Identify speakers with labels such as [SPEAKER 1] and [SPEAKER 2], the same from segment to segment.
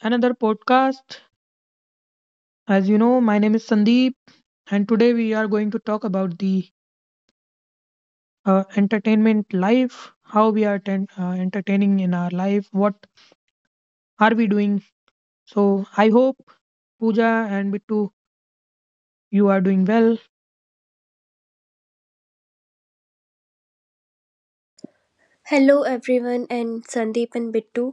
[SPEAKER 1] Another podcast. As you know, my name is Sandeep, and today we are going to talk about the entertainment life, how we are entertaining in our life, what are we doing. So I hope Pooja and Bittu, you are doing well.
[SPEAKER 2] Hello everyone and Sandeep and Bittu.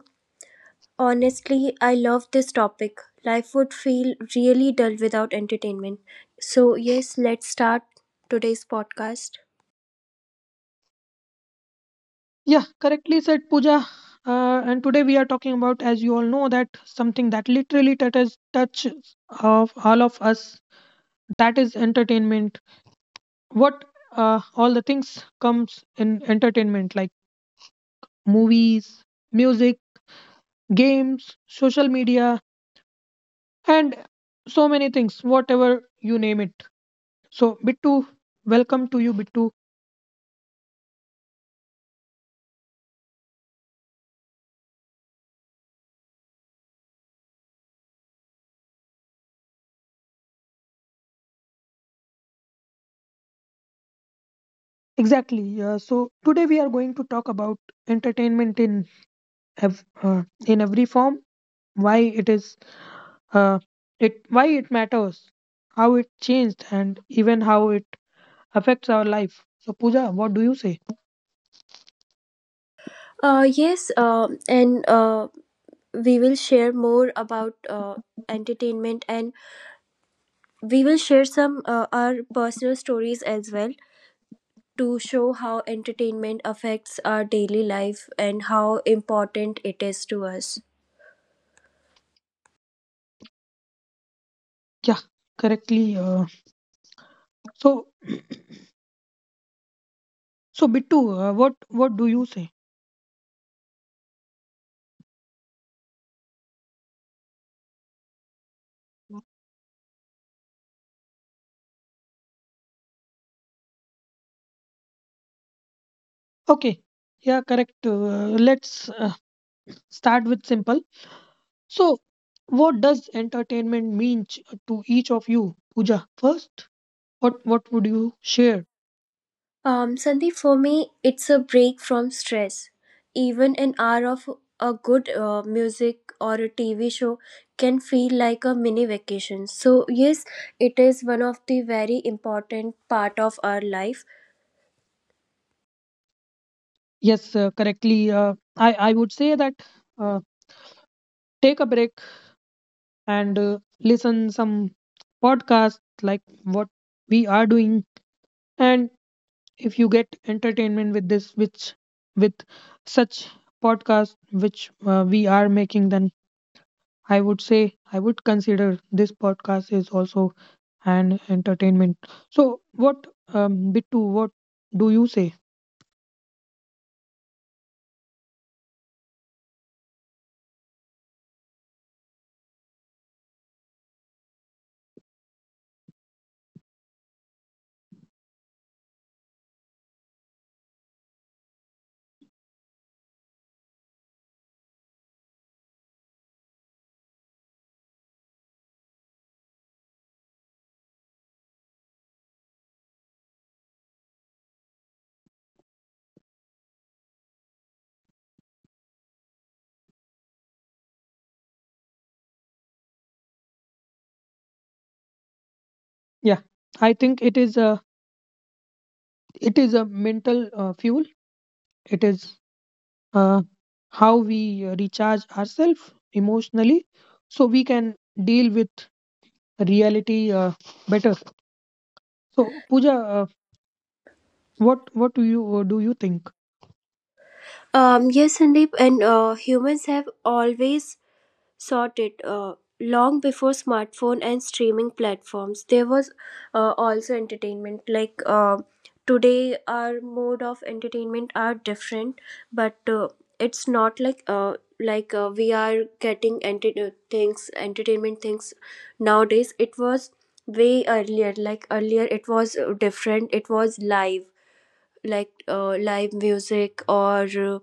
[SPEAKER 2] Honestly, I love this topic. Life would feel really dull without entertainment. So, yes, let's start today's podcast.
[SPEAKER 1] Yeah, correctly said, Pooja. And today we are talking about, as you all know, that something that literally touches of all of us. That is entertainment. What all the things comes in entertainment, like movies, music, games, social media, and so many things, whatever you name it. So, Bittu, welcome to you, Bittu. Exactly. So today we are going to talk about entertainment in every form, why it is uh, it why it matters, how it changed, and even how it affects our life. So Pooja, what do you say?
[SPEAKER 2] Yes, and we will share more about entertainment, and we will share some our personal stories as well to show how entertainment affects our daily life and how important it is to us.
[SPEAKER 1] Yeah, correctly. So so Bittu, what do you say? Okay. Yeah, correct. Let's start with simple. So, what does entertainment mean to each of you, Pooja? First, what would you share?
[SPEAKER 2] Sandeep, for me, it's a break from stress. Even an hour of a good music or a TV show can feel like a mini vacation. So yes, it is one of the very important part of our life.
[SPEAKER 1] Yes, correctly. I would say that uh, take a break and listen some podcast like what we are doing, and if you get entertainment with this, which with such podcast which we are making, then I would say I would consider this podcast is also an entertainment. So what, Bittu, what do you say? Yeah, I think it is a mental fuel. It is uh, how we recharge ourselves emotionally, so we can deal with reality better. So Pooja, what do you think
[SPEAKER 2] Yes, Sandeep, and humans have always sorted, long before smartphone and streaming platforms there was also entertainment. Like, today our mode of entertainment are different, but it's not like we are getting things entertainment things nowadays. It was way earlier. Like earlier it was different. It was live, like live music or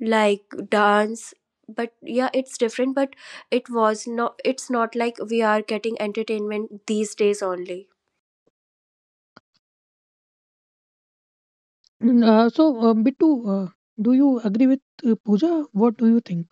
[SPEAKER 2] like dance. But yeah, it's different. But it was not, it's not like we are getting entertainment these days only.
[SPEAKER 1] So Bittu, uh, do you agree with Puja? What do you think?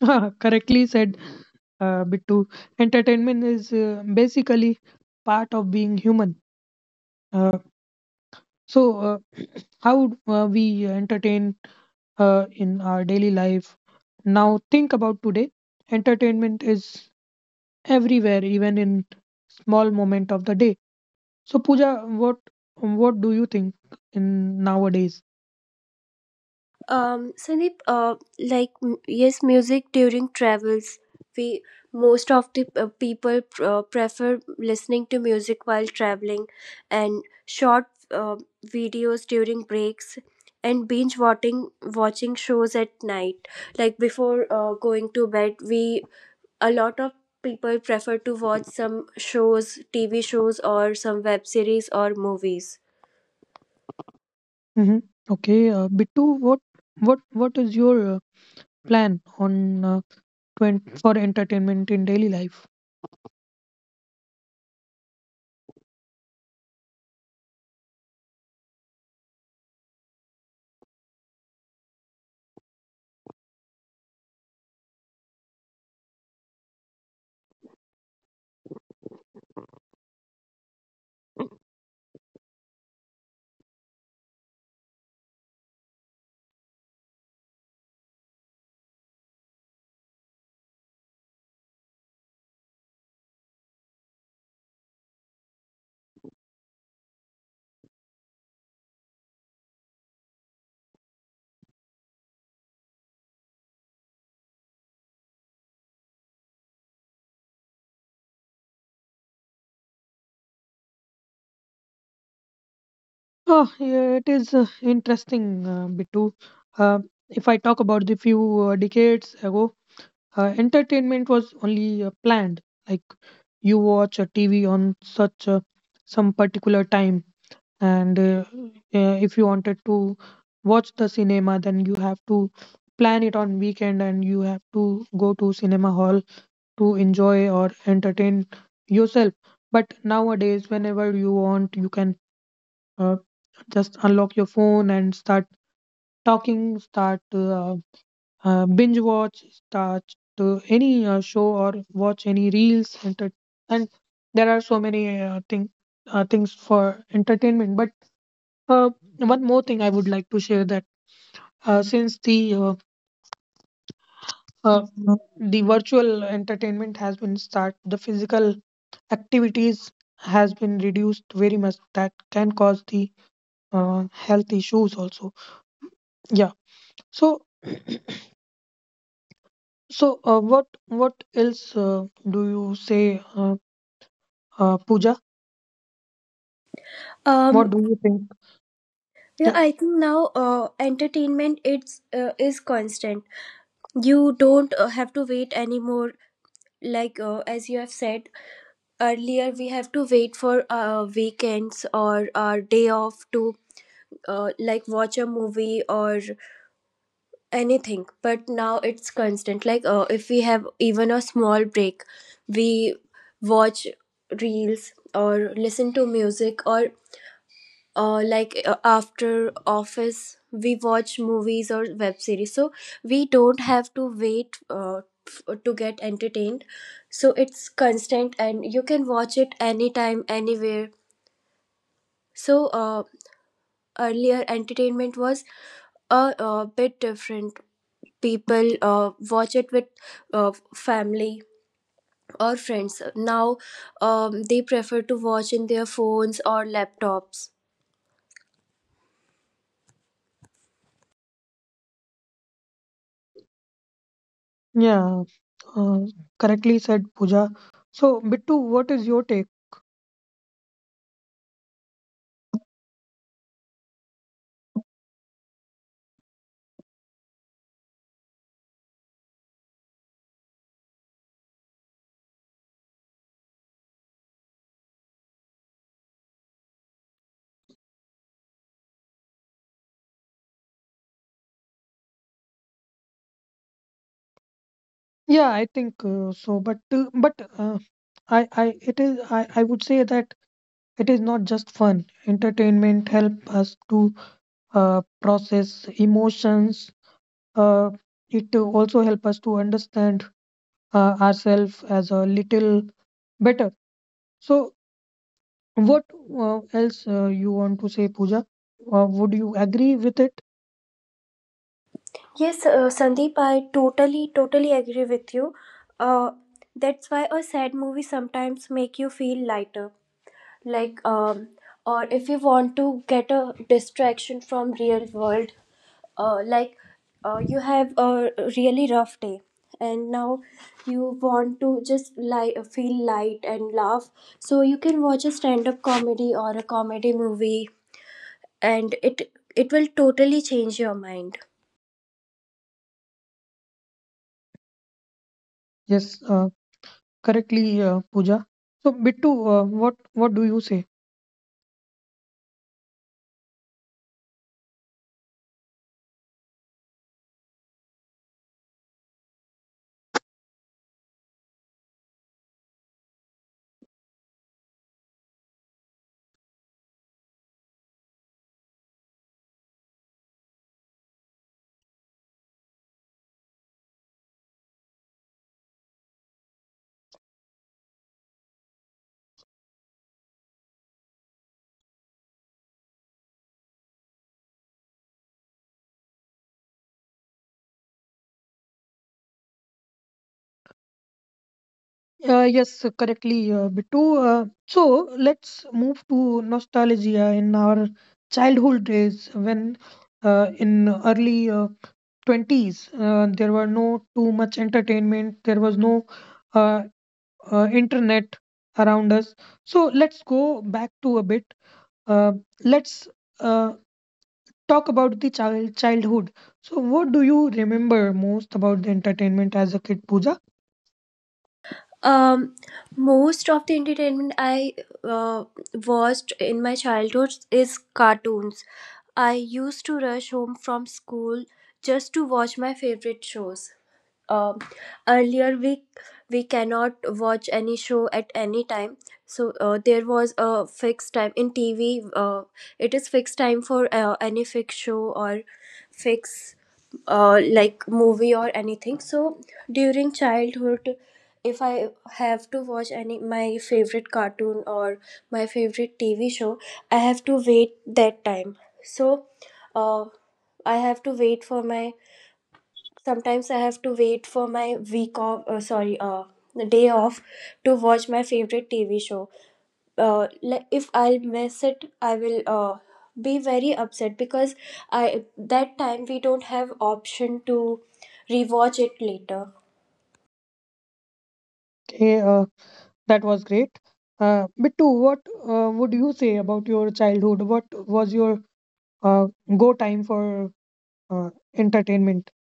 [SPEAKER 1] Correctly said, Bittu. Entertainment is basically part of being human. uh, so uh, how we entertain in our daily life. Now think about today, entertainment is everywhere, even in small moment of the day. So Pooja, what do you think in nowadays?
[SPEAKER 2] Sandeep, yes, music during travels. We Most of the people prefer listening to music while traveling, and short videos during breaks, and binge watching shows at night, like before going to bed. We A lot of people prefer to watch some shows, TV shows, or some web series or movies.
[SPEAKER 1] Hmm. Okay, Bittu, what is your plan for entertainment in daily life? Oh, yeah, it is interesting, Bittu. Uh, if I talk about the few decades ago, entertainment was only planned. Like you watch a TV on such some particular time, and if you wanted to watch the cinema, then you have to plan it on weekend, and you have to go to cinema hall to enjoy or entertain yourself. But nowadays, whenever you want, you can uh, just unlock your phone and start talking, start binge watch, start to any show or watch any reels and there are so many things for entertainment. But uh, one more thing I would like to share, that since uh, the virtual entertainment has been start, the physical activities has been reduced very much. That can cause the health issues also. Yeah. So so what else do you say, Pooja? What
[SPEAKER 2] Um,
[SPEAKER 1] do you think?
[SPEAKER 2] yeah,
[SPEAKER 1] Yeah.
[SPEAKER 2] I think now entertainment it's is constant. You don't have to wait anymore. Like, as you have said earlier, we have to wait for weekends or our day off to like watch a movie or anything, but now it's constant. Like, if we have even a small break, we watch reels or listen to music, or after office we watch movies or web series. So we don't have to wait to get entertained. So it's constant, and you can watch it anytime, anywhere. So earlier entertainment was a bit different. People watch it with family or friends. Now they prefer to watch in their phones or laptops.
[SPEAKER 1] Yeah. Uh, correctly said, Pooja. So Bittu, what is your take? Yeah, I think so. But I would say that it is not just fun. Entertainment help us to process emotions. Uh, it also help us to understand ourselves as a little better. So what else you want to say, Pooja? Would you agree with it?
[SPEAKER 2] Yes, Sandeep, I totally agree with you. uh, that's why a sad movie sometimes make you feel lighter. Like, or if you want to get a distraction from real world, uh, like you have a really rough day and now you want to just lie, feel light and laugh. So you can watch a stand up comedy or a comedy movie, and it will totally change your mind.
[SPEAKER 1] Yes, correctly, Pooja. So Bittu, what do you say? Yes, correctly, Bittu. So let's move to nostalgia in our childhood days when, in early 20s, there were no too much entertainment. There was no uh, internet around us. So let's go back to a bit. Uh, let's uh, talk about the childhood. So what do you remember most about the entertainment as a kid, Pooja?
[SPEAKER 2] um Most of the entertainment I uh, watched in my childhood is cartoons. I used to rush home from school just to watch my favorite shows. Um, Earlier we cannot watch any show at any time, so there was a fixed time in TV. It is fixed time for any fixed show or fixed like movie or anything. So during childhood if I have to watch any my favorite cartoon or my favorite TV show, I have to wait that time. So uh, I have to wait for my, sometimes I have to wait for my week off, sorry, the day off, to watch my favorite TV show. If I'll miss it, I will be very upset, because I that time we don't have option to rewatch it later.
[SPEAKER 1] Okay. That was great. Bittu, what would you say about your childhood? What was your uh, go time for entertainment?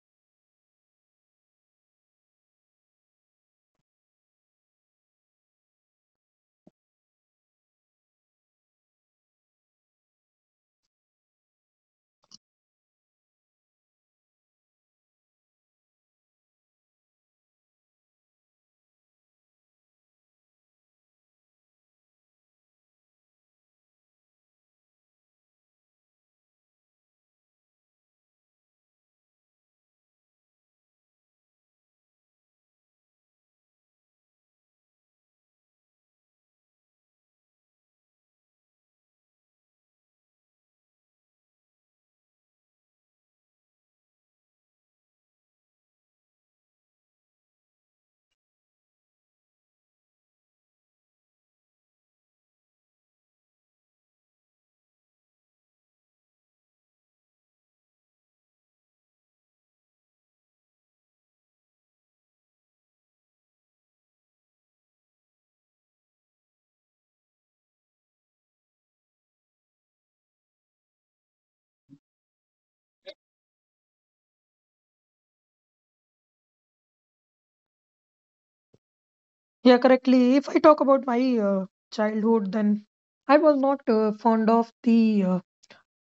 [SPEAKER 1] Yeah, correctly. If I talk about my childhood, then I was not fond of the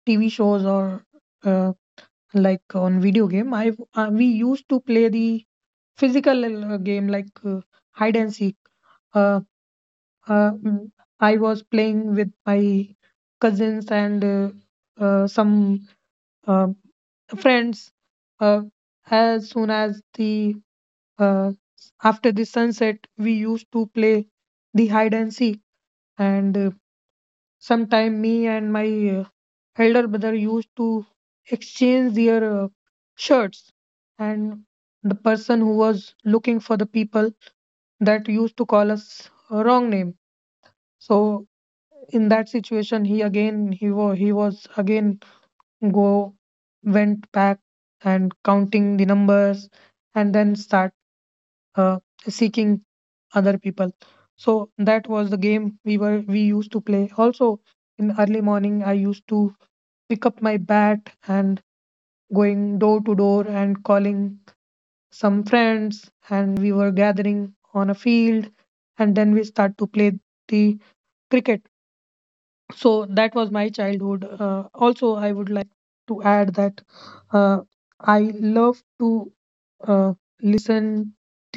[SPEAKER 1] TV shows or uh, like on video game. I We used to play the physical game like hide and seek. Uh, uh, mm, I was playing with my cousins and some um, friends. uh, as soon as the uh, after the sunset, we used to play the hide and seek. And sometime me and my uh, elder brother used to exchange their shirts, and the person who was looking for the people that used to call us a wrong name, so in that situation, he again he was again go went back and counting the numbers, and then start uh, seeking other people. So that was the game we used to play. Also, in early morning, I used to pick up my bat and going door to door and calling some friends, and we were gathering on a field, and then we start to play the cricket. So that was my childhood. Also, I would like to add that uh, I love to uh, listen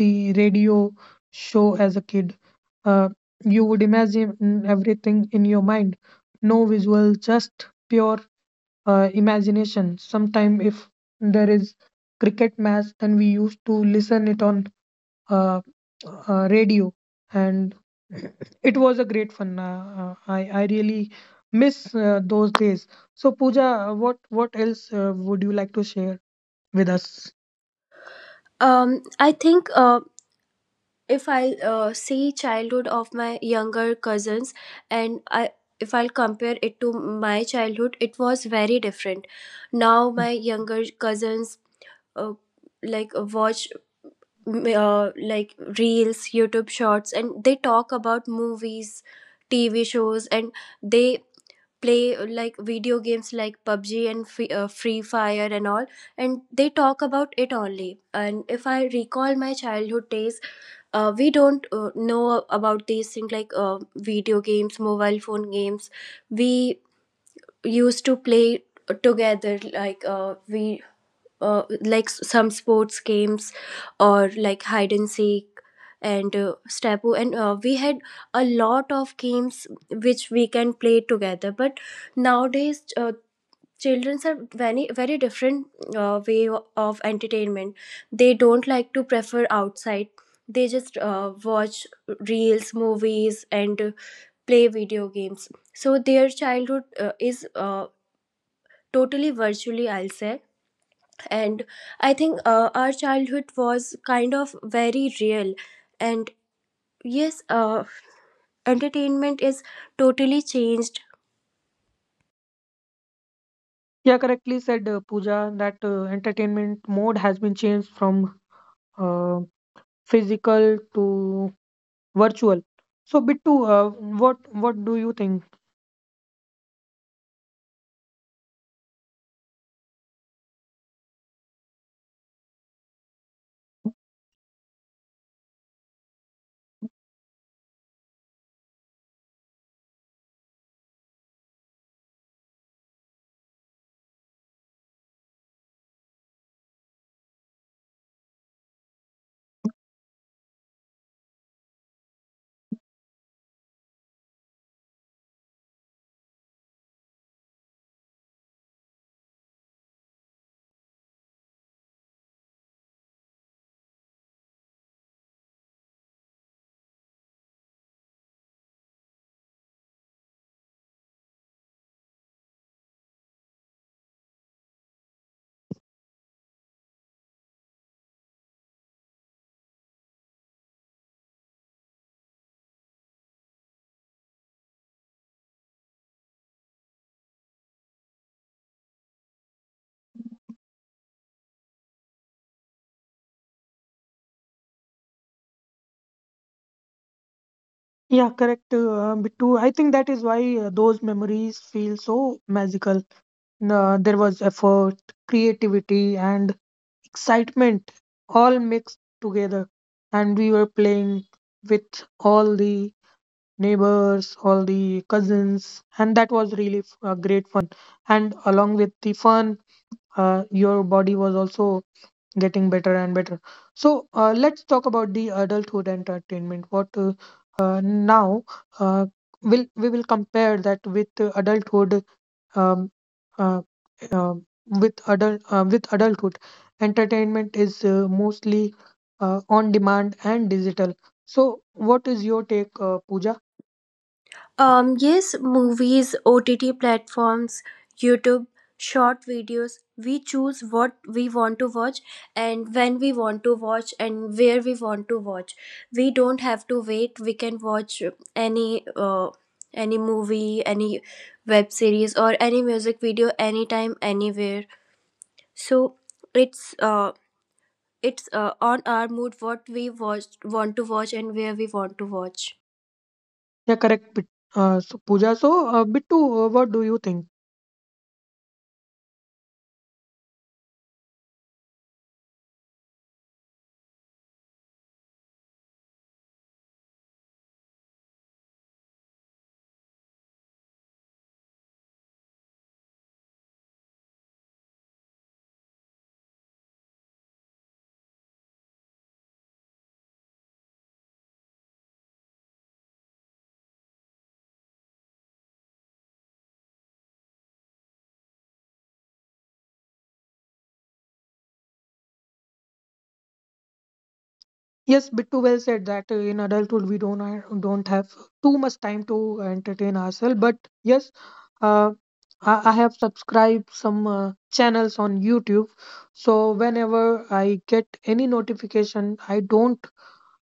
[SPEAKER 1] the radio show as a kid. uh, you would imagine everything in your mind, no visual, just pure imagination. Sometime if there is cricket match, then we used to listen it on uh, radio, and it was a great fun. I really miss those days. So Pooja, what else would you like to share with us?
[SPEAKER 2] I think if I'll see childhood of my younger cousins, and I if I'll compare it to my childhood, it was very different. Now my younger cousins uh, like watch like reels, YouTube shorts, and they talk about movies, TV shows, and they play like video games like PUBG and free fire and all. And they talk about it only. And if I recall my childhood days, we don't know about these things like video games, mobile phone games. We used to play together, like we some sports games, or like hide and seek, and stapu, and we had a lot of games which we can play together. But nowadays children are very different way of entertainment. They don't like to prefer outside, they just watch reels, movies, and play video games. So their childhood is totally virtually, I'll say. And I think our childhood was kind of very real, and yes, entertainment is totally changed.
[SPEAKER 1] Yeah, correctly said, Pooja, that entertainment mode has been changed from uh, physical to virtual. So, Bittu, what what do you think? Yeah, correct, Bittu. I think that is why those memories feel so magical. There was effort, creativity, and excitement all mixed together. And we were playing with all the neighbors, all the cousins, and that was really great fun. And along with the fun, your body was also getting better and better. So let's talk about the adulthood entertainment. What now uh, will we will compare that with um, uh, um, adult with adulthood. Entertainment is mostly on demand and digital. So, what is your take, Pooja?
[SPEAKER 2] Yes, movies, OTT platforms, YouTube short videos, we choose what we want to watch and when we want to watch and where we want to watch. We don't have to wait, we can watch any uh, any movie, any web series, or any music video, anytime, anywhere. So it's uh, it's on our mood what we watch, want to watch and where we want to watch.
[SPEAKER 1] Yeah, correct. So Bittu, what do you think? Yes, bit too well said, that in adulthood we don't have too much time to entertain ourselves. But yes, uh, I have subscribed some channels on YouTube. So whenever I get any notification, I don't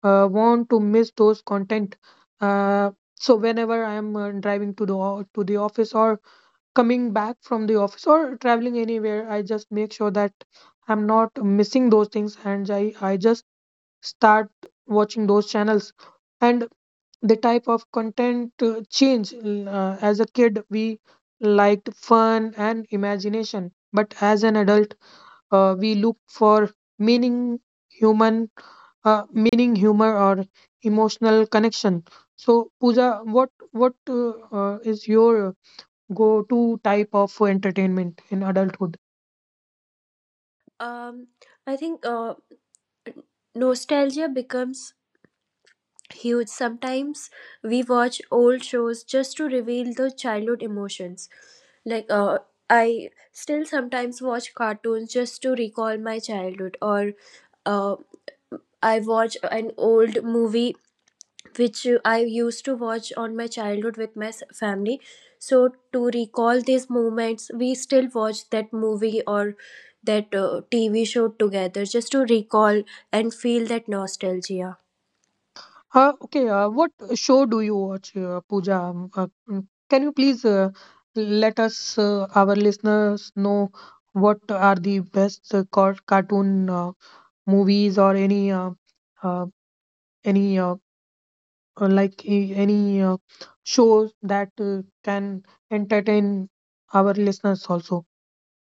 [SPEAKER 1] want to miss those content. Uh, so whenever I am driving to the office or coming back from the office or traveling anywhere, I just make sure that I'm not missing those things, and I just start watching those channels. And the type of content change. As a kid we liked fun and imagination, but as an adult we look for meaning human meaning humor or emotional connection. So Pooja, what is your go to type of entertainment in adulthood?
[SPEAKER 2] Um, I think nostalgia becomes huge. Sometimes we watch old shows just to reveal the childhood emotions. Like, I still sometimes watch cartoons just to recall my childhood, or uh, I watch an old movie which I used to watch on my childhood with my family. So to recall these moments, we still watch that movie or that TV show together just to recall and feel that nostalgia.
[SPEAKER 1] Okay, what show do you watch, Pooja? Can you please let us, our listeners, know what are the best cartoon movies or uh, any uh, any shows that can entertain our listeners also?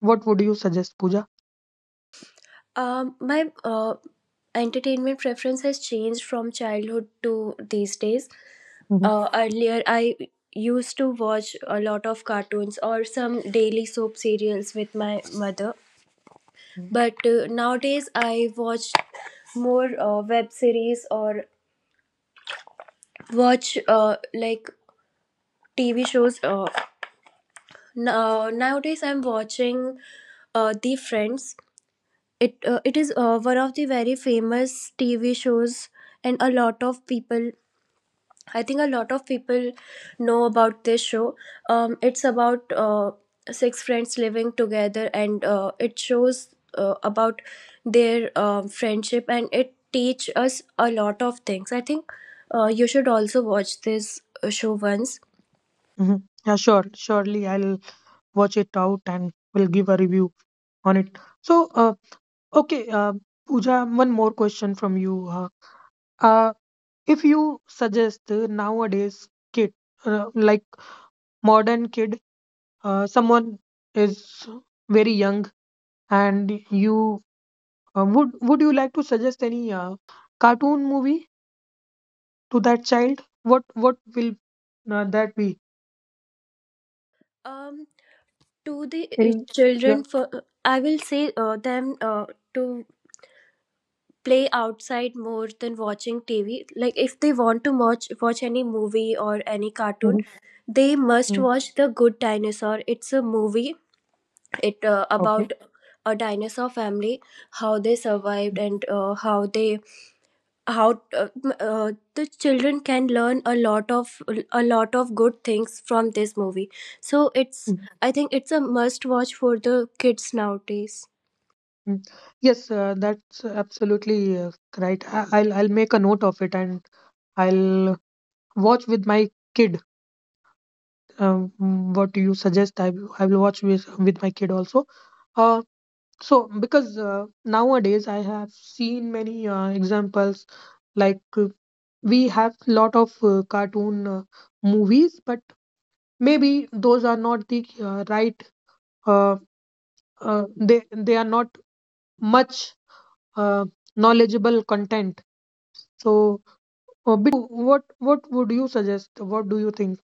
[SPEAKER 1] What would you suggest, Pooja?
[SPEAKER 2] My entertainment preference has changed from childhood to these days.
[SPEAKER 1] Mm-hmm.
[SPEAKER 2] Earlier, I used to watch a lot of cartoons or some daily soap serials with my mother. But nowadays, I watch more web series or watch like TV shows. Now, nowadays, I'm watching The Friends. It is one of the very famous TV shows, and a lot of people I think a lot of people know about this show. It's about six friends living together, and it shows about their friendship, and it teach us a lot of things. I think you should also watch this show once.
[SPEAKER 1] Mm-hmm. Yeah, sure. Surely I'll watch it out and will give a review on it. So, okay, Pooja, one more question from you. Uh, if you suggest nowadays kid, like modern kid, someone is very young, and you would you like to suggest any cartoon movie to that child? What will that be?
[SPEAKER 2] Um, to the
[SPEAKER 1] Any? Yeah.
[SPEAKER 2] children, for I will say them to play outside more than watching TV. Like if they want to watch any movie or any cartoon,
[SPEAKER 1] Mhm.
[SPEAKER 2] they must
[SPEAKER 1] Mm.
[SPEAKER 2] watch The Good Dinosaur. It's a movie. It
[SPEAKER 1] Okay.
[SPEAKER 2] about a dinosaur family, how they
[SPEAKER 1] Mm,
[SPEAKER 2] survived and how they, how uh, m- uh, the children can learn a lot of good things from this movie. So it's
[SPEAKER 1] mm,
[SPEAKER 2] I think it's a must watch for the kids nowadays.
[SPEAKER 1] mm. Yes, that's absolutely right. I'll make a note of it, and I'll watch with my kid. What you suggest, I will watch with my kid also. Uh, so because nowadays I have seen many examples like we have lot of cartoon movies, but maybe those are not the right. Uh, they are not much uh, knowledgeable content. So, Bittu, what would you suggest? What do you think?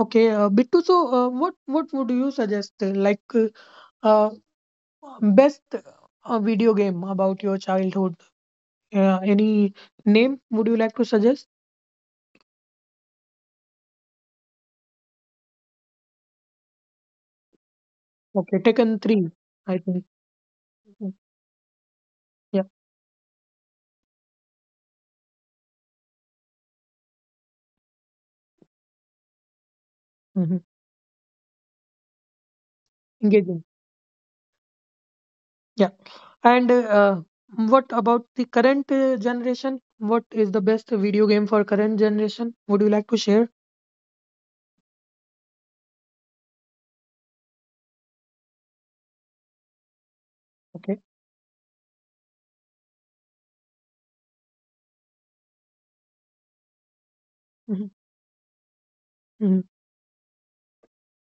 [SPEAKER 1] Okay, Bittu, what would you suggest? Like uh, best video game about your childhood? Any name would you like to suggest? Okay, Taken 3, I think. Mhm. Yeah. hmm Engaging. Yeah. And what about the current generation? What is the best video game for current generation? Would you like to share? Okay. Mhm. Mhm.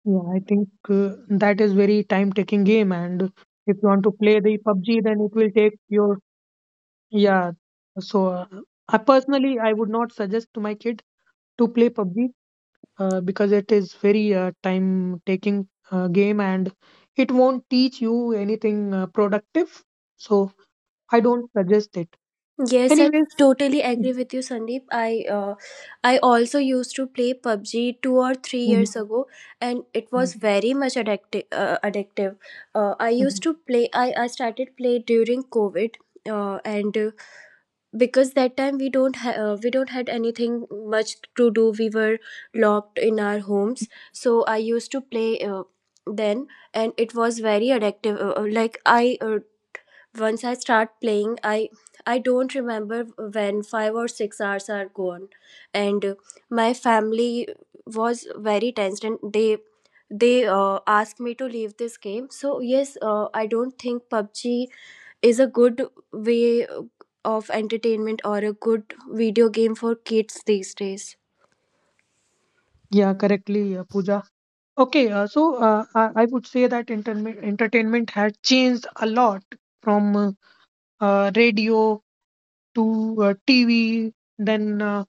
[SPEAKER 1] Yeah, I think that is very time-taking game, and if you want to play the PUBG, then it will take your... Yeah, so I personally I would not suggest to my kid to play PUBG because it is very time taking game and it won't teach you anything productive. So I don't suggest it.
[SPEAKER 2] Yes, I
[SPEAKER 1] Anyways,
[SPEAKER 2] totally
[SPEAKER 1] mhm,
[SPEAKER 2] agree with you, Sandeep. I also used to play PUBG two or three
[SPEAKER 1] mhm,
[SPEAKER 2] years ago, and it was very much addictive. Addictive. I used
[SPEAKER 1] mhm,
[SPEAKER 2] to play. I started play during COVID, and because that time we don't had anything much to do. We were locked in our homes, so I used to play. Then, and it was very addictive, like, I once I start playing, I don't remember when 5 or 6 hours are gone, and my family was very tensed, and they asked me to leave this game. So yes, I don't think PUBG is a good way of entertainment or a good video game for kids these days.
[SPEAKER 1] yeah, correctly, Pooja. Okay, so I would say that entertainment had changed a lot from radio to TV, then. Uh,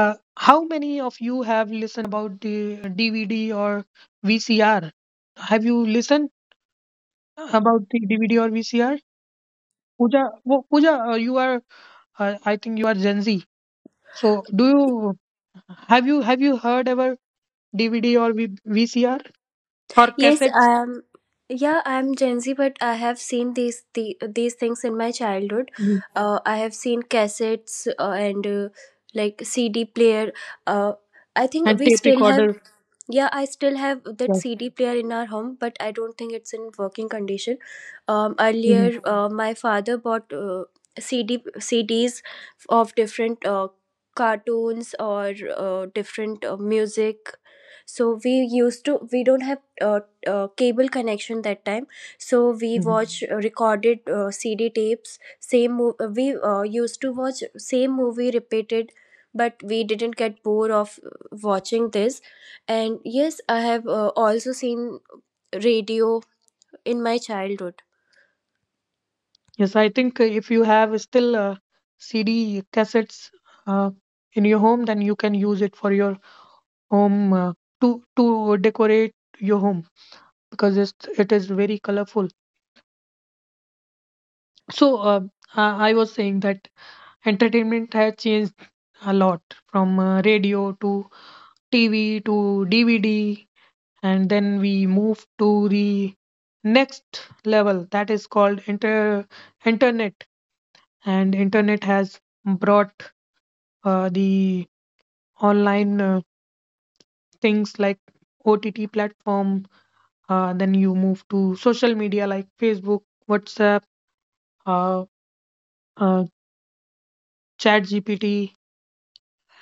[SPEAKER 1] Uh, How many of you have listened about the DVD or VCR? Have you listened about the DVD or VCR? Pooja, I think you are Gen Z. So, do you have you have you heard ever DVD or v VCR or
[SPEAKER 2] Yes,
[SPEAKER 1] cassettes?
[SPEAKER 2] yeah, I'm Gen Z, but I have seen these things in my childhood.
[SPEAKER 1] Mhm.
[SPEAKER 2] I have seen cassettes, and like CD player. Uh, I think
[SPEAKER 1] And
[SPEAKER 2] we
[SPEAKER 1] tape
[SPEAKER 2] still have.
[SPEAKER 1] recorder?
[SPEAKER 2] Yeah, I still have that
[SPEAKER 1] Yes.
[SPEAKER 2] CD player in our home, but I don't think it's in working condition.
[SPEAKER 1] Mhm.
[SPEAKER 2] Earlier, my father bought CD CDs of different cartoons or different music. So we used to we don't have cable connection that time, so we
[SPEAKER 1] Mhm.
[SPEAKER 2] watch recorded CD tapes. We used to watch same movie repeated but we didn't get bored of watching this. And yes, I have also seen radio in my childhood.
[SPEAKER 1] Yes, I think if you have still CD cassettes uh, in your home, then you can use it for your home to decorate your home because it is very colorful. So I was saying that entertainment has changed a lot from radio to TV to DVD, and then we move to the next level that is called internet, and internet has brought the online things like OTT platform. Then you move to social media like Facebook, WhatsApp, uh, uh, ChatGPT,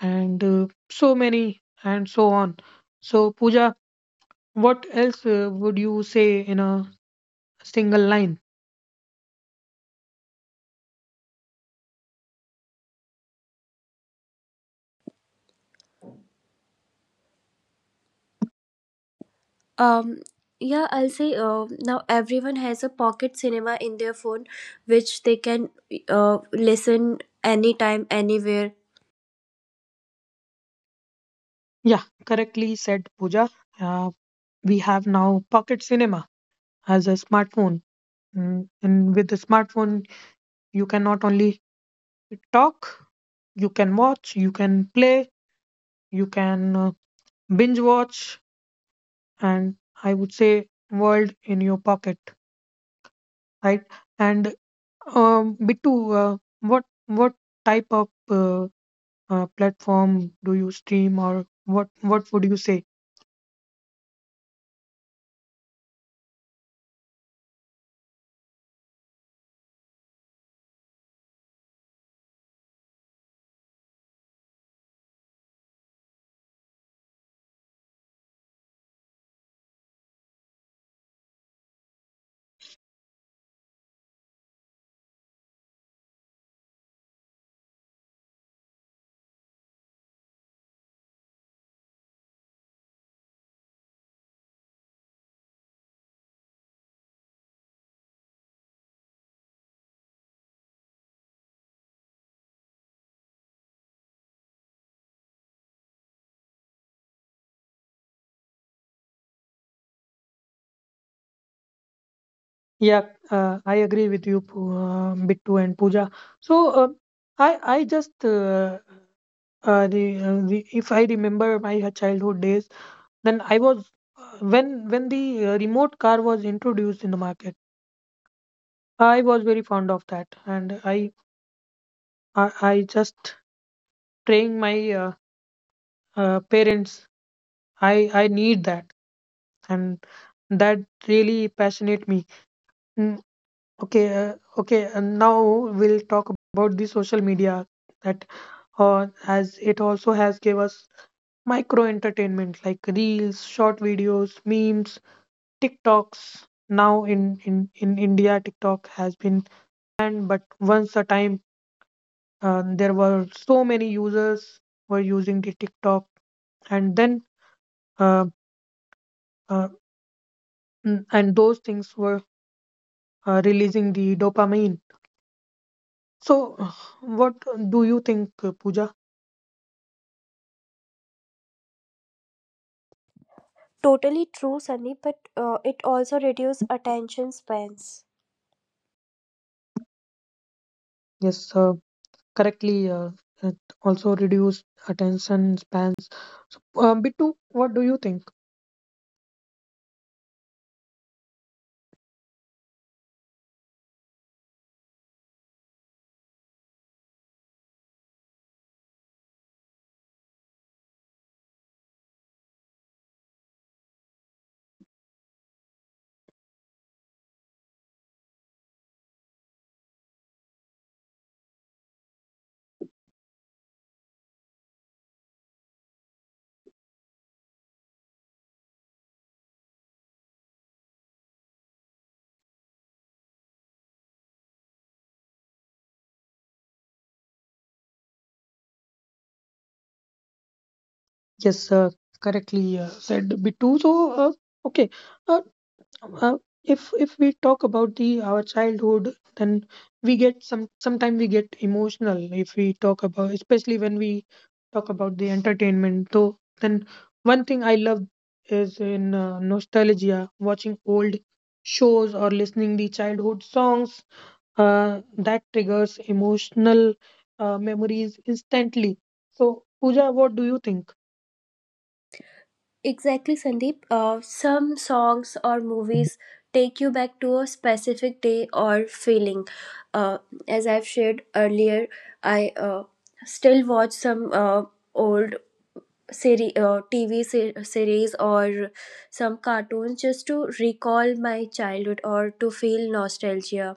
[SPEAKER 1] and so many, and so on. So, Pooja, what else would you say in a single line?
[SPEAKER 2] um yeah, I'll say now everyone has a pocket cinema in their phone which they can uh, listen anytime, anywhere.
[SPEAKER 1] Yeah, correctly said, Pooja. Uh, we have now pocket cinema as a smartphone. Mm. And with the smartphone, you can not only talk, you can watch, you can play, you can binge watch, and I would say world in your pocket, right? And Bittu, what type of platform do you stream, or what would you say? Yeah, I agree with you, Bittu and Pooja. So I just the, if I remember my childhood days, then I was when when the remote car was introduced in the market. I was very fond of that, and I just praying my parents. I need that, and that really passionate me. Mm, okay, okay. And now we'll talk about the social media, that as it also has gave us micro entertainment like reels, short videos, memes, TikToks. Now in India, TikTok has been banned, but once a time there were so many users were using the TikTok, and then. Uh, uh, Mm, and those things were releasing the dopamine. So, what do you think, Pooja?
[SPEAKER 2] Totally true, Sandeep, but it also reduces attention spans.
[SPEAKER 1] Yes, correctly. It also reduced attention spans. So, Bittu, what do you think? Yes, correctly said, Bittu. So, okay, uh, uh, if we talk about the our childhood, then we get sometimes we get emotional if we talk about, especially when we talk about the entertainment. So then one thing I love is in nostalgia, watching old shows or listening the childhood songs uh, that triggers emotional memories instantly. So Pooja, what do you think?
[SPEAKER 2] Exactly, Sandeep. Some songs or movies take you back to a specific day or feeling. Uh, as I've shared earlier, I still watch some old TV series or some cartoons just to recall my childhood or to feel nostalgia.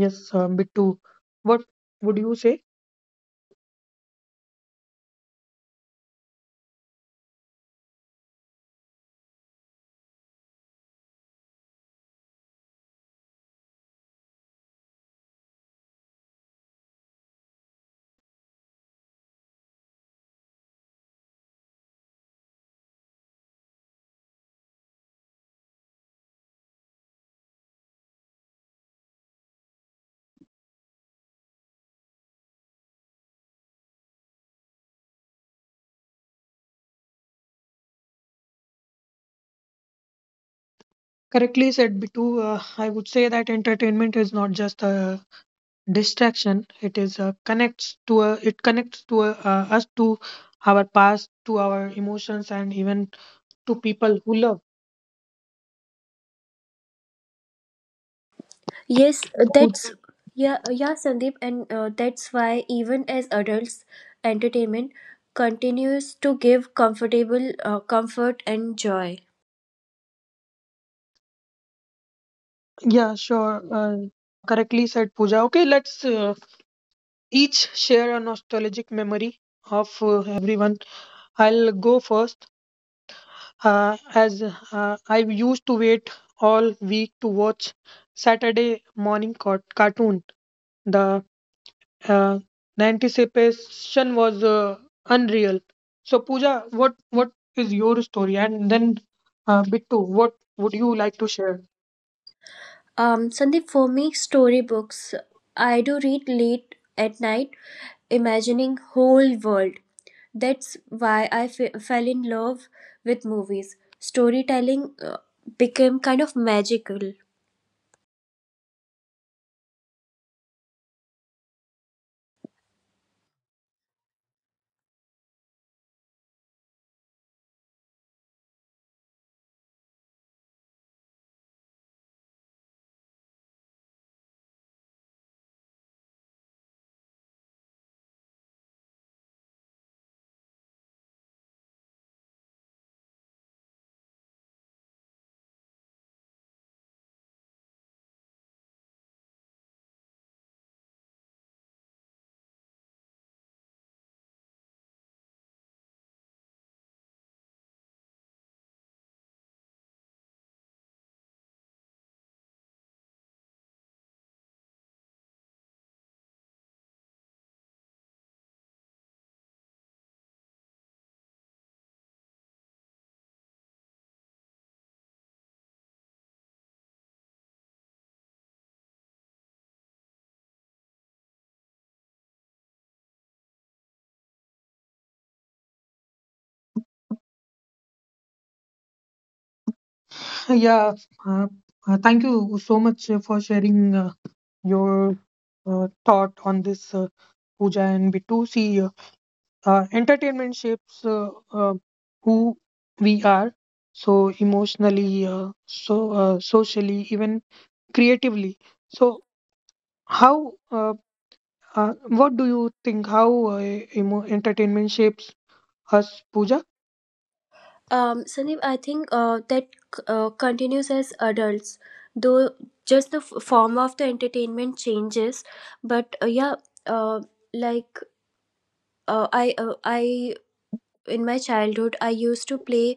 [SPEAKER 1] Yes. Bittu, what would you say? Correctly said, Bitu. I would say that entertainment is not just a distraction. It is a connects to a, it connects to a, us to our past, to our emotions, and even to people who love.
[SPEAKER 2] Yes,
[SPEAKER 1] Who-
[SPEAKER 2] yeah, Sandeep, and that's why even as adults, entertainment continues to give comfort and joy.
[SPEAKER 1] Yeah, sure. Correctly said, Pooja. Okay, let's each share a nostalgic memory of everyone. I'll go first. As I used to wait all week to watch Saturday morning cartoon. The Uh, the anticipation was unreal. So, Pooja, what is your story? And then, Bittu, what would you like to share?
[SPEAKER 2] Sandeep, for me, storybooks. I do read late at night, imagining whole world. That's why I fell in love with movies. Storytelling became kind of magical.
[SPEAKER 1] Yeah, uh, thank you so much for sharing your thought on this, Pooja and Bittu. See, entertainment shapes who we are, so emotionally, so socially, even creatively. So, how Uh, what do you think? How entertainment shapes us, Pooja?
[SPEAKER 2] Sandeep, I think that continues as adults, though just the form of the entertainment changes. But uh, like I in my childhood, I used to play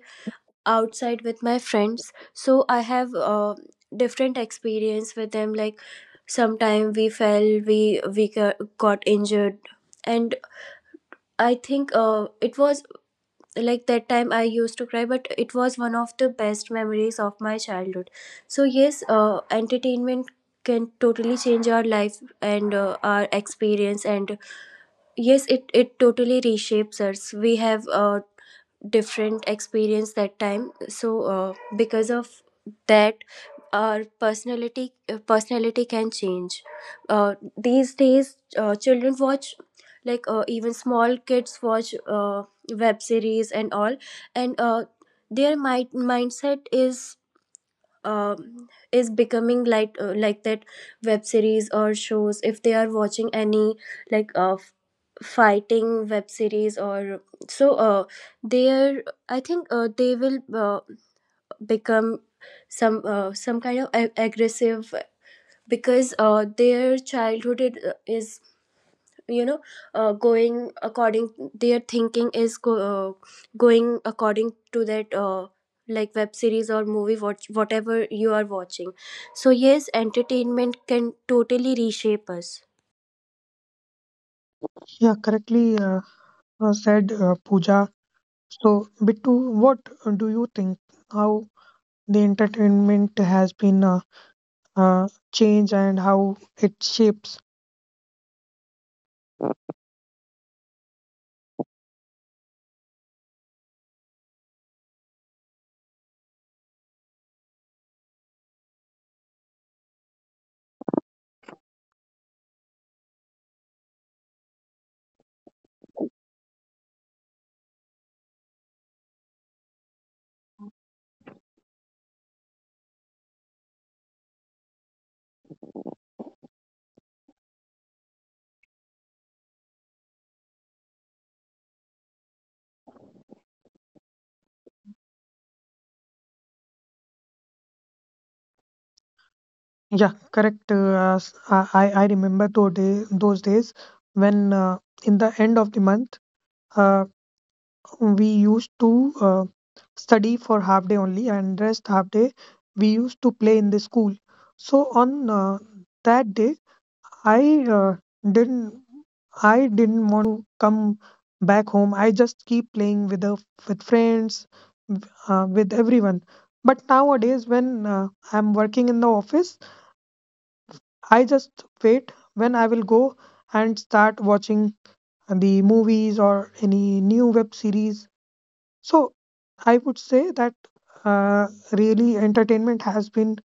[SPEAKER 2] outside with my friends, so I have different experience with them. Like sometime we fell, we got injured, and I think it was like that time I used to cry, but it was one of the best memories of my childhood. So yes, entertainment can totally change our life and our experience, and yes, it totally reshapes us. We have different experience that time, so because of that our personality, personality can change. These days, children watch, like, even small kids watch web series and all, and their mindset is becoming like, like that web series or shows. If they are watching any, like, fighting web series or so, there I think they will uh, become some, some kind of aggressive, because their childhood, is you know going according their thinking is going according to that, like web series or movie, whatever you are watching. So yes, entertainment can totally reshape us.
[SPEAKER 1] Yeah, correctly said, Pooja. So, Bittu, what do you think? How the entertainment has been uh, changed, and how it shapes? Yeah, correct. I remember those days when in the end of the month, Uh, we used to study for half day only, and rest half day we used to play in the school. So on that day, i uh, didn't I didn't want to come back home. I just keep playing with friends, with everyone. But nowadays when I'm working in the office, I just wait when I will go and start watching the movies or any new web series. So I would say that really entertainment has been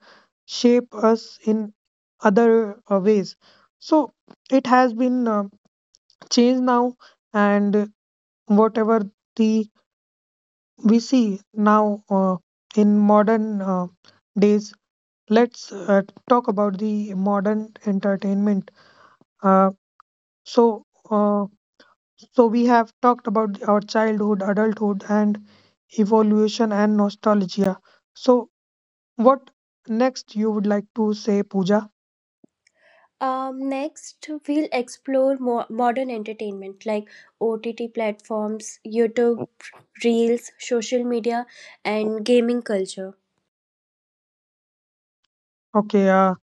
[SPEAKER 1] shape us in other ways. So it has been changed now, and whatever the we see now in modern days. Let's talk about the modern entertainment. Uh, so uh, we have talked about our childhood, adulthood, and evolution and nostalgia. So what next you would like to say, Pooja?
[SPEAKER 2] Next, we'll explore more modern entertainment like OTT platforms, YouTube, Reels, social media, and gaming culture.
[SPEAKER 1] Okay, uh,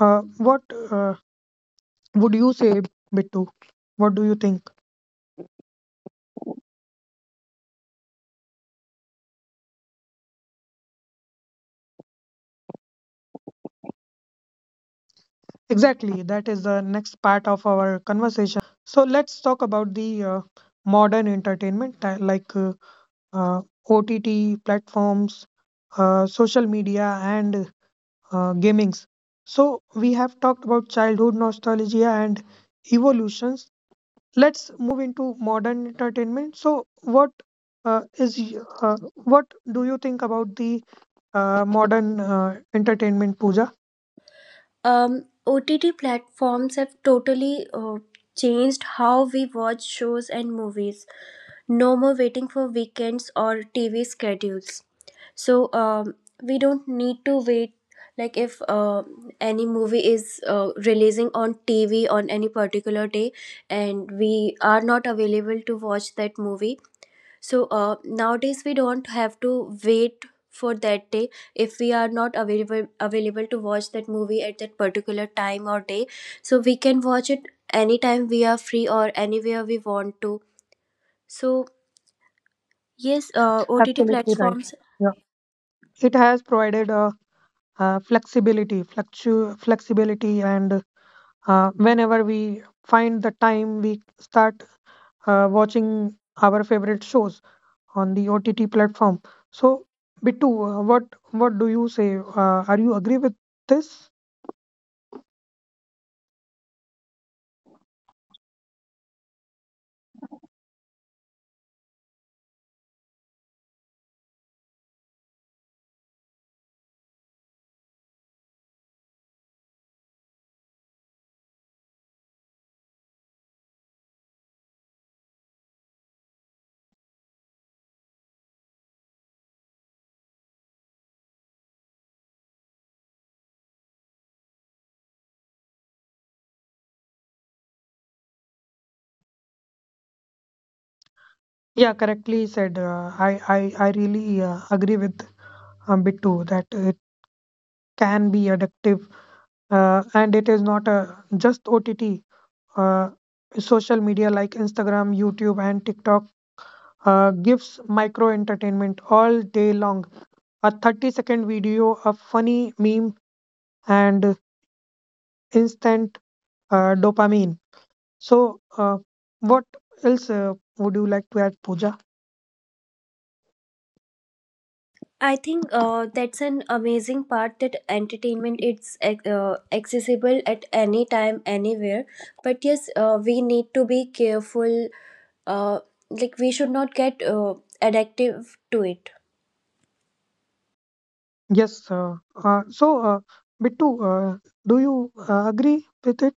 [SPEAKER 1] uh, what uh, would you say, Bittu? What do you think? Exactly, that is the next part of our conversation. So let's talk about the modern entertainment like uh, OTT platforms, social media, and gamings. So we have talked about childhood nostalgia and evolutions. Let's move into modern entertainment. So, what what do you think about the modern entertainment, Pooja?
[SPEAKER 2] OTT platforms have totally changed how we watch shows and movies. No more waiting for weekends or TV schedules. So we don't need to wait. Like if any movie is releasing on TV on any particular day, and we are not available to watch that movie, so nowadays we don't have to wait for that day if we are not available to watch that movie at that particular time or day. So we can watch it anytime we are free or anywhere we want to. So yes, OTT
[SPEAKER 1] Absolutely right.
[SPEAKER 2] platforms.
[SPEAKER 1] Yeah, it has provided a, flexibility, flexibility, and whenever we find the time, we start watching our favorite shows on the OTT platform. So, Bittu, what do you say? Are you agree with this? Yeah, correctly said. I really agree with bit too that it can be addictive and it is not just OTT. Uh, Social media like Instagram, YouTube, and TikTok gives micro entertainment all day long. A 30-second video, a funny meme, and instant dopamine. So, what else would you like to add, Pooja?
[SPEAKER 2] I think that's an amazing part, that entertainment, it's accessible at any time, anywhere. But yes, we need to be careful. Uh, like, we should not get addictive to it.
[SPEAKER 1] Yes, so Bittu, do you agree with it?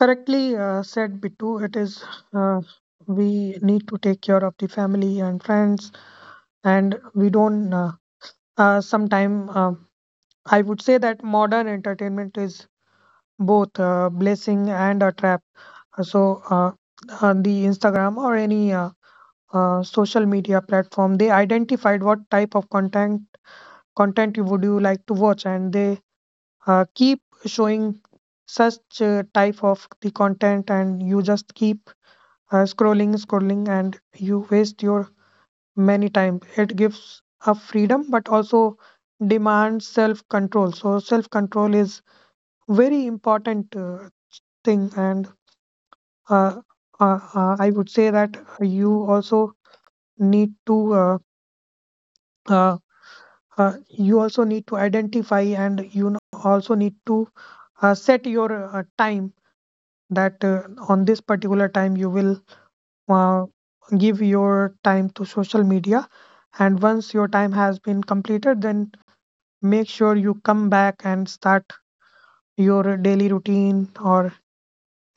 [SPEAKER 1] Correctly said, Bittu. It is uh, we need to take care of the family and friends, and we don't. Sometime I would say that modern entertainment is both a blessing and a trap. So on the Instagram or any social media platform, they identified what type of content you like to watch, and they keep showing such type of the content, and you just keep scrolling, and you waste your many time. It gives a freedom, but also demands self control. So self control is very important thing, and uh, I would say that you also need to uh, you also need to identify, and you also need to set your time that on this particular time you will uh, give your time to social media, and once your time has been completed, then make sure you come back and start your daily routine or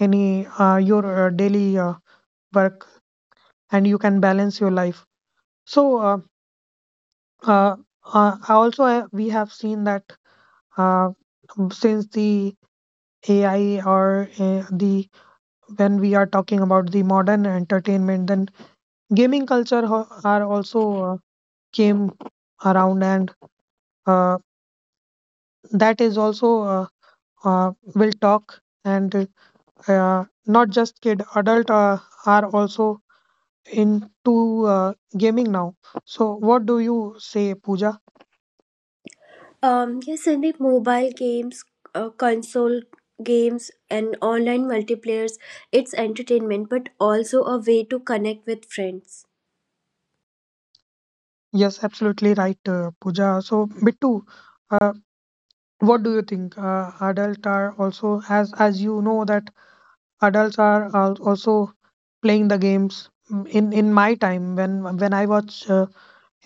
[SPEAKER 1] any your daily work, and you can balance your life. So uh, also we have seen that uh, since the AI, or the when we are talking about the modern entertainment, then gaming culture are also came around, and uh, that is also will talk, and not just kid, adult are also into gaming now. So what do you say, Pooja?
[SPEAKER 2] Yes, and the mobile games, console games, and online multiplayers. It's entertainment, but also a way to connect with friends.
[SPEAKER 1] Yes, absolutely right. Pooja, so Bittu, uh, what do you think? Adult are also, as you know that adults are also playing the games. Mm, in my time when I was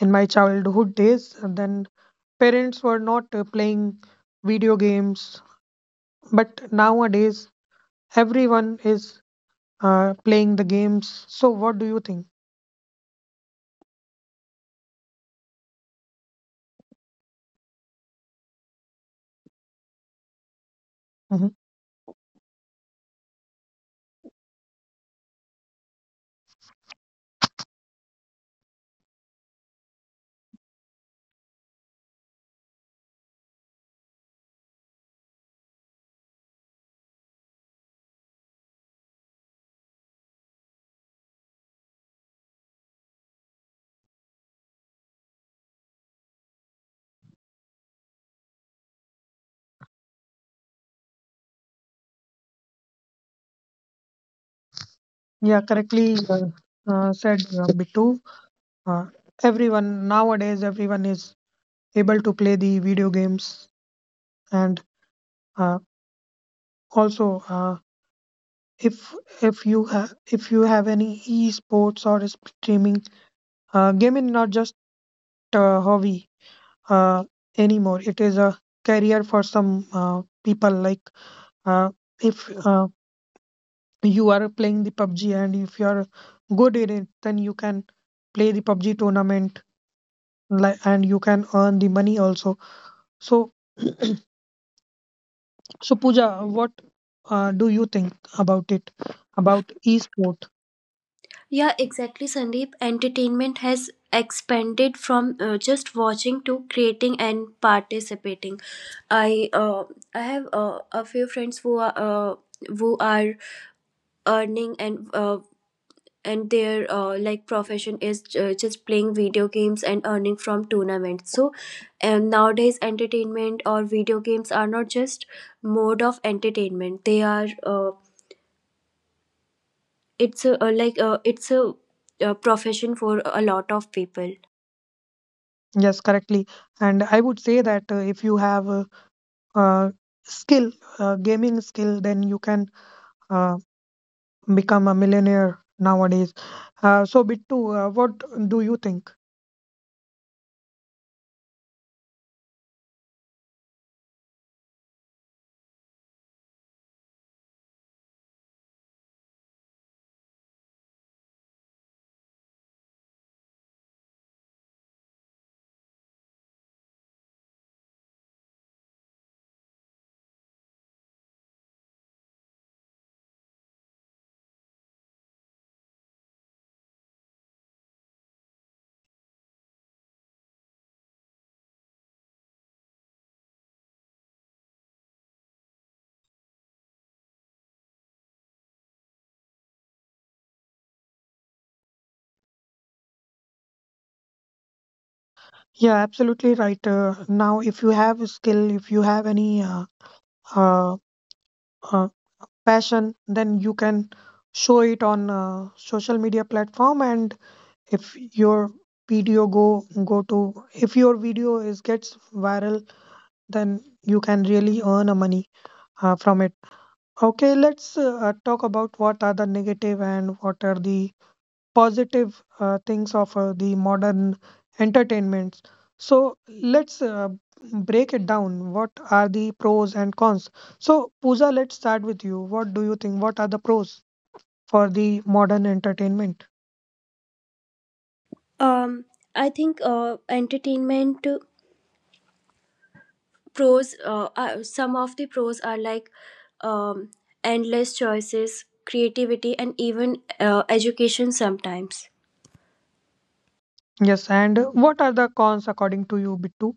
[SPEAKER 1] in my childhood days, then parents were not playing video games, but nowadays everyone is playing the games. So, what do you think? Mhm. Yeah, correctly said Bittu. Uh, everyone nowadays, everyone is able to play the video games, and uh, also if if you have if you have any e-sports or streaming, gaming not just a hobby uh, anymore. It is a career for some people. Like uh, if you are playing the PUBG and if you are good in it, then you can play the PUBG tournament, and you can earn the money also. So, so Pooja, what do you think about it? About esport?
[SPEAKER 2] Yeah, exactly, Sandeep. Entertainment has expanded from just watching to creating and participating. I uh, I have a few friends who are earning, and their like profession is just playing video games and earning from tournaments. So, and nowadays entertainment or video games are not just mode of entertainment. They are It's a, it's a profession for a lot of people.
[SPEAKER 1] Yes, correctly. And I would say that if you have a, uh skill, gaming skill, then you can uh, become a millionaire nowadays. So, Bittu, what do you think? Yeah, absolutely right. Now, if you have a skill, if you have any uh, uh, passion, then you can show it on social media platform. And if your video if your video is gets viral, then you can really earn a money from it. Okay, let's talk about what are the negative and what are the positive things of the modern entertainments. So let's break it down. What are the pros and cons? So, Pooja, let's start with you. What do you think? What are the pros for the modern entertainment?
[SPEAKER 2] Um, I think entertainment pros, some of the pros are, like, um, endless choices, creativity, and even education sometimes.
[SPEAKER 1] Yes, and what are the cons according to you, Bittu?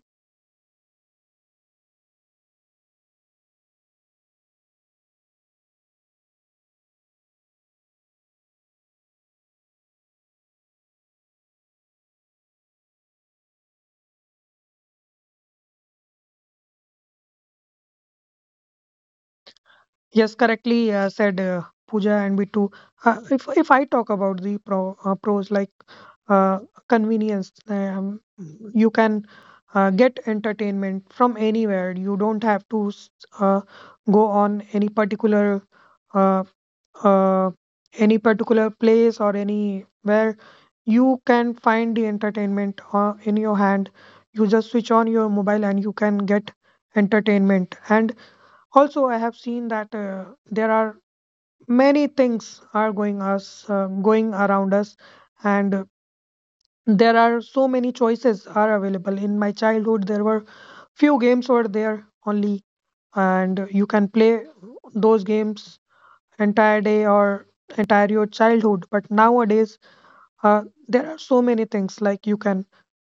[SPEAKER 1] Yes, correctly said Pooja and Bittu. If I talk about the pro, pros like uh, convenience, um, you can get entertainment from anywhere. You don't have to uh, go on uh, uh, any particular place or anywhere. You can find the entertainment in your hand. You just switch on your mobile and you can get entertainment. And also, I have seen that there are many things are going around us, and there are so many choices are available. In my childhood, there were few games were there only and you can play those games entire day or entire your childhood, but nowadays uh, there are so many things like you can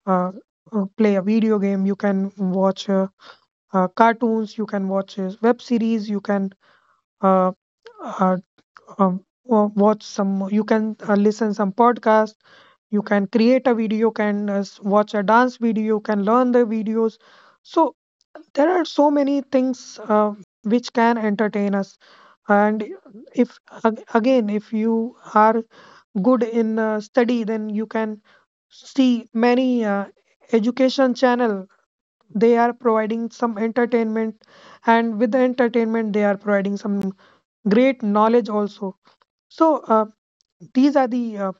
[SPEAKER 1] uh, play a video game, you can watch cartoons, you can watch web series, you can uh, uh, watch some, you can listen some podcast, you can create a video, you can watch a dance video, you can learn the videos. So there are so many things which can entertain us. And if again, if you are good in study, then you can see many education channel, they are providing some entertainment and with the entertainment they are providing some great knowledge also. So these are the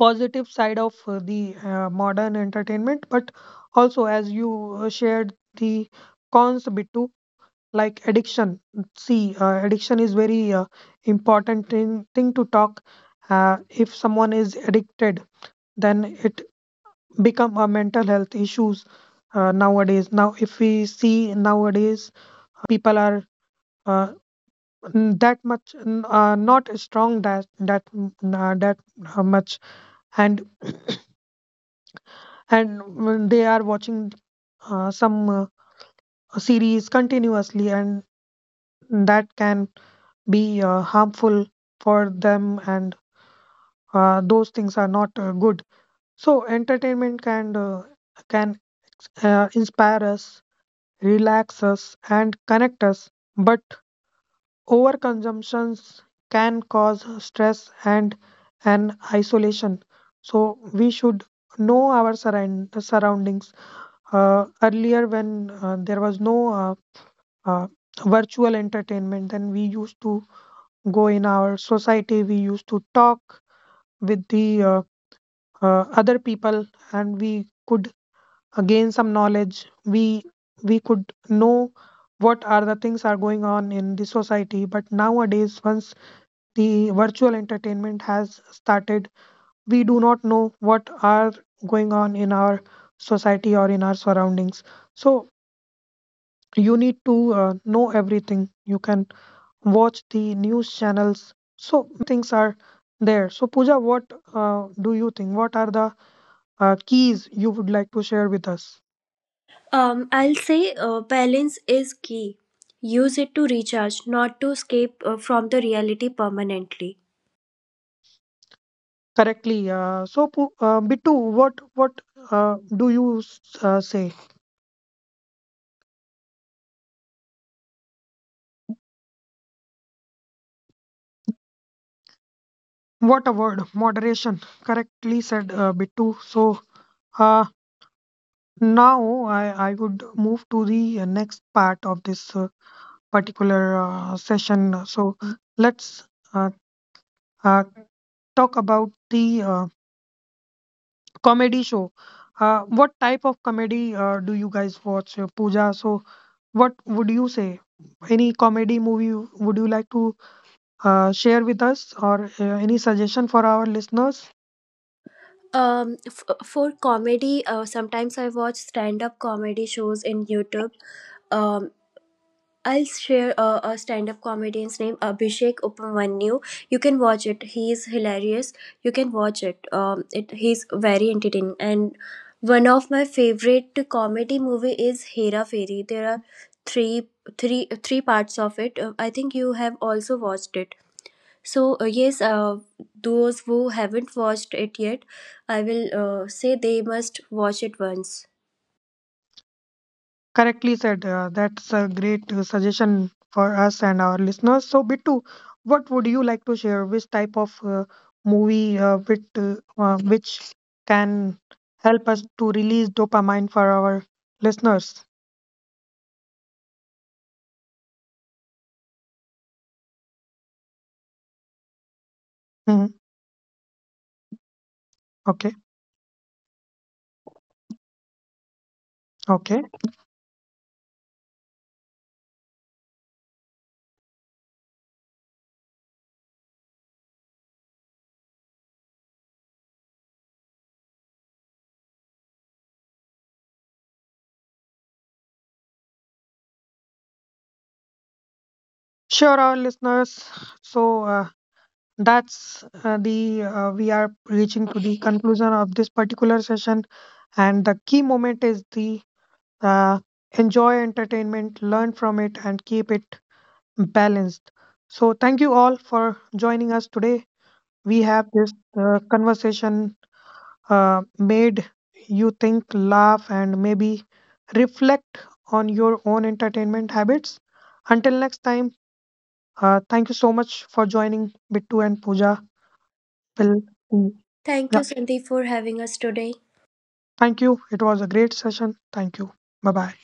[SPEAKER 1] positive side of the modern entertainment, but also as you shared the cons a bit too, like addiction. See, addiction is very important thing, thing to talk. If someone is addicted, then it become a mental health issues nowadays. Now, if we see nowadays, people are uh, that much not strong that much and and they are watching some series continuously and that can be harmful for them, and those things are not good. So entertainment can can inspire us, relax us and connect us, but overconsumptions can cause stress and isolation. So we should know our surroundings. Earlier when there was no uh, virtual entertainment, then we used to go in our society, we used to talk with the other people and we could gain some knowledge, we could know what are the things are going on in the society. But nowadays, once the virtual entertainment has started, we do not know what are going on in our society or in our surroundings. So you need to know everything. You can watch the news channels, so things are there. So Pooja, what do you think? What are the keys you would like to share with us?
[SPEAKER 2] I'll say balance is key. Use it to recharge, not to escape from the reality permanently.
[SPEAKER 1] Correctly. So, Bitu, what do you say? What a word, moderation. Correctly said, Bitu. So uh, now I would move to the next part of this particular session. So let's uh, uh, talk about the comedy show. What type of comedy do you guys watch, Pooja? So, what would you say? Any comedy movie would you like to share with us, or any suggestion for our listeners?
[SPEAKER 2] For comedy, sometimes I watch stand up comedy shows in YouTube. um I'll share a stand-up comedian's name, Abhishek Upamanyu. You can watch it. He is hilarious. You can watch it. He's very entertaining. And one of my favorite comedy movie is Hera Fairy. There are three three parts of it. I think you have also watched it. So yes, those who haven't watched it yet, I will say they must watch it once.
[SPEAKER 1] Correctly said. That's a great suggestion for us and our listeners. So, Bittu, what would you like to share? Which type of movie, which can help us to release dopamine for our listeners? Mm-hmm. Okay, okay. Sure, our listeners. So that's the we are reaching to the conclusion of this particular session, and the key moment is the uh, enjoy entertainment, learn from it, and keep it balanced. So thank you all for joining us today. We have this conversation made you think, laugh, and maybe reflect on your own entertainment habits. Until next time. Thank you so much for joining, Bittu and Pooja. Will,
[SPEAKER 2] Thank
[SPEAKER 1] yeah,
[SPEAKER 2] you, Sandeep, for having us today.
[SPEAKER 1] thank you. It was a great session. Thank you. Bye bye.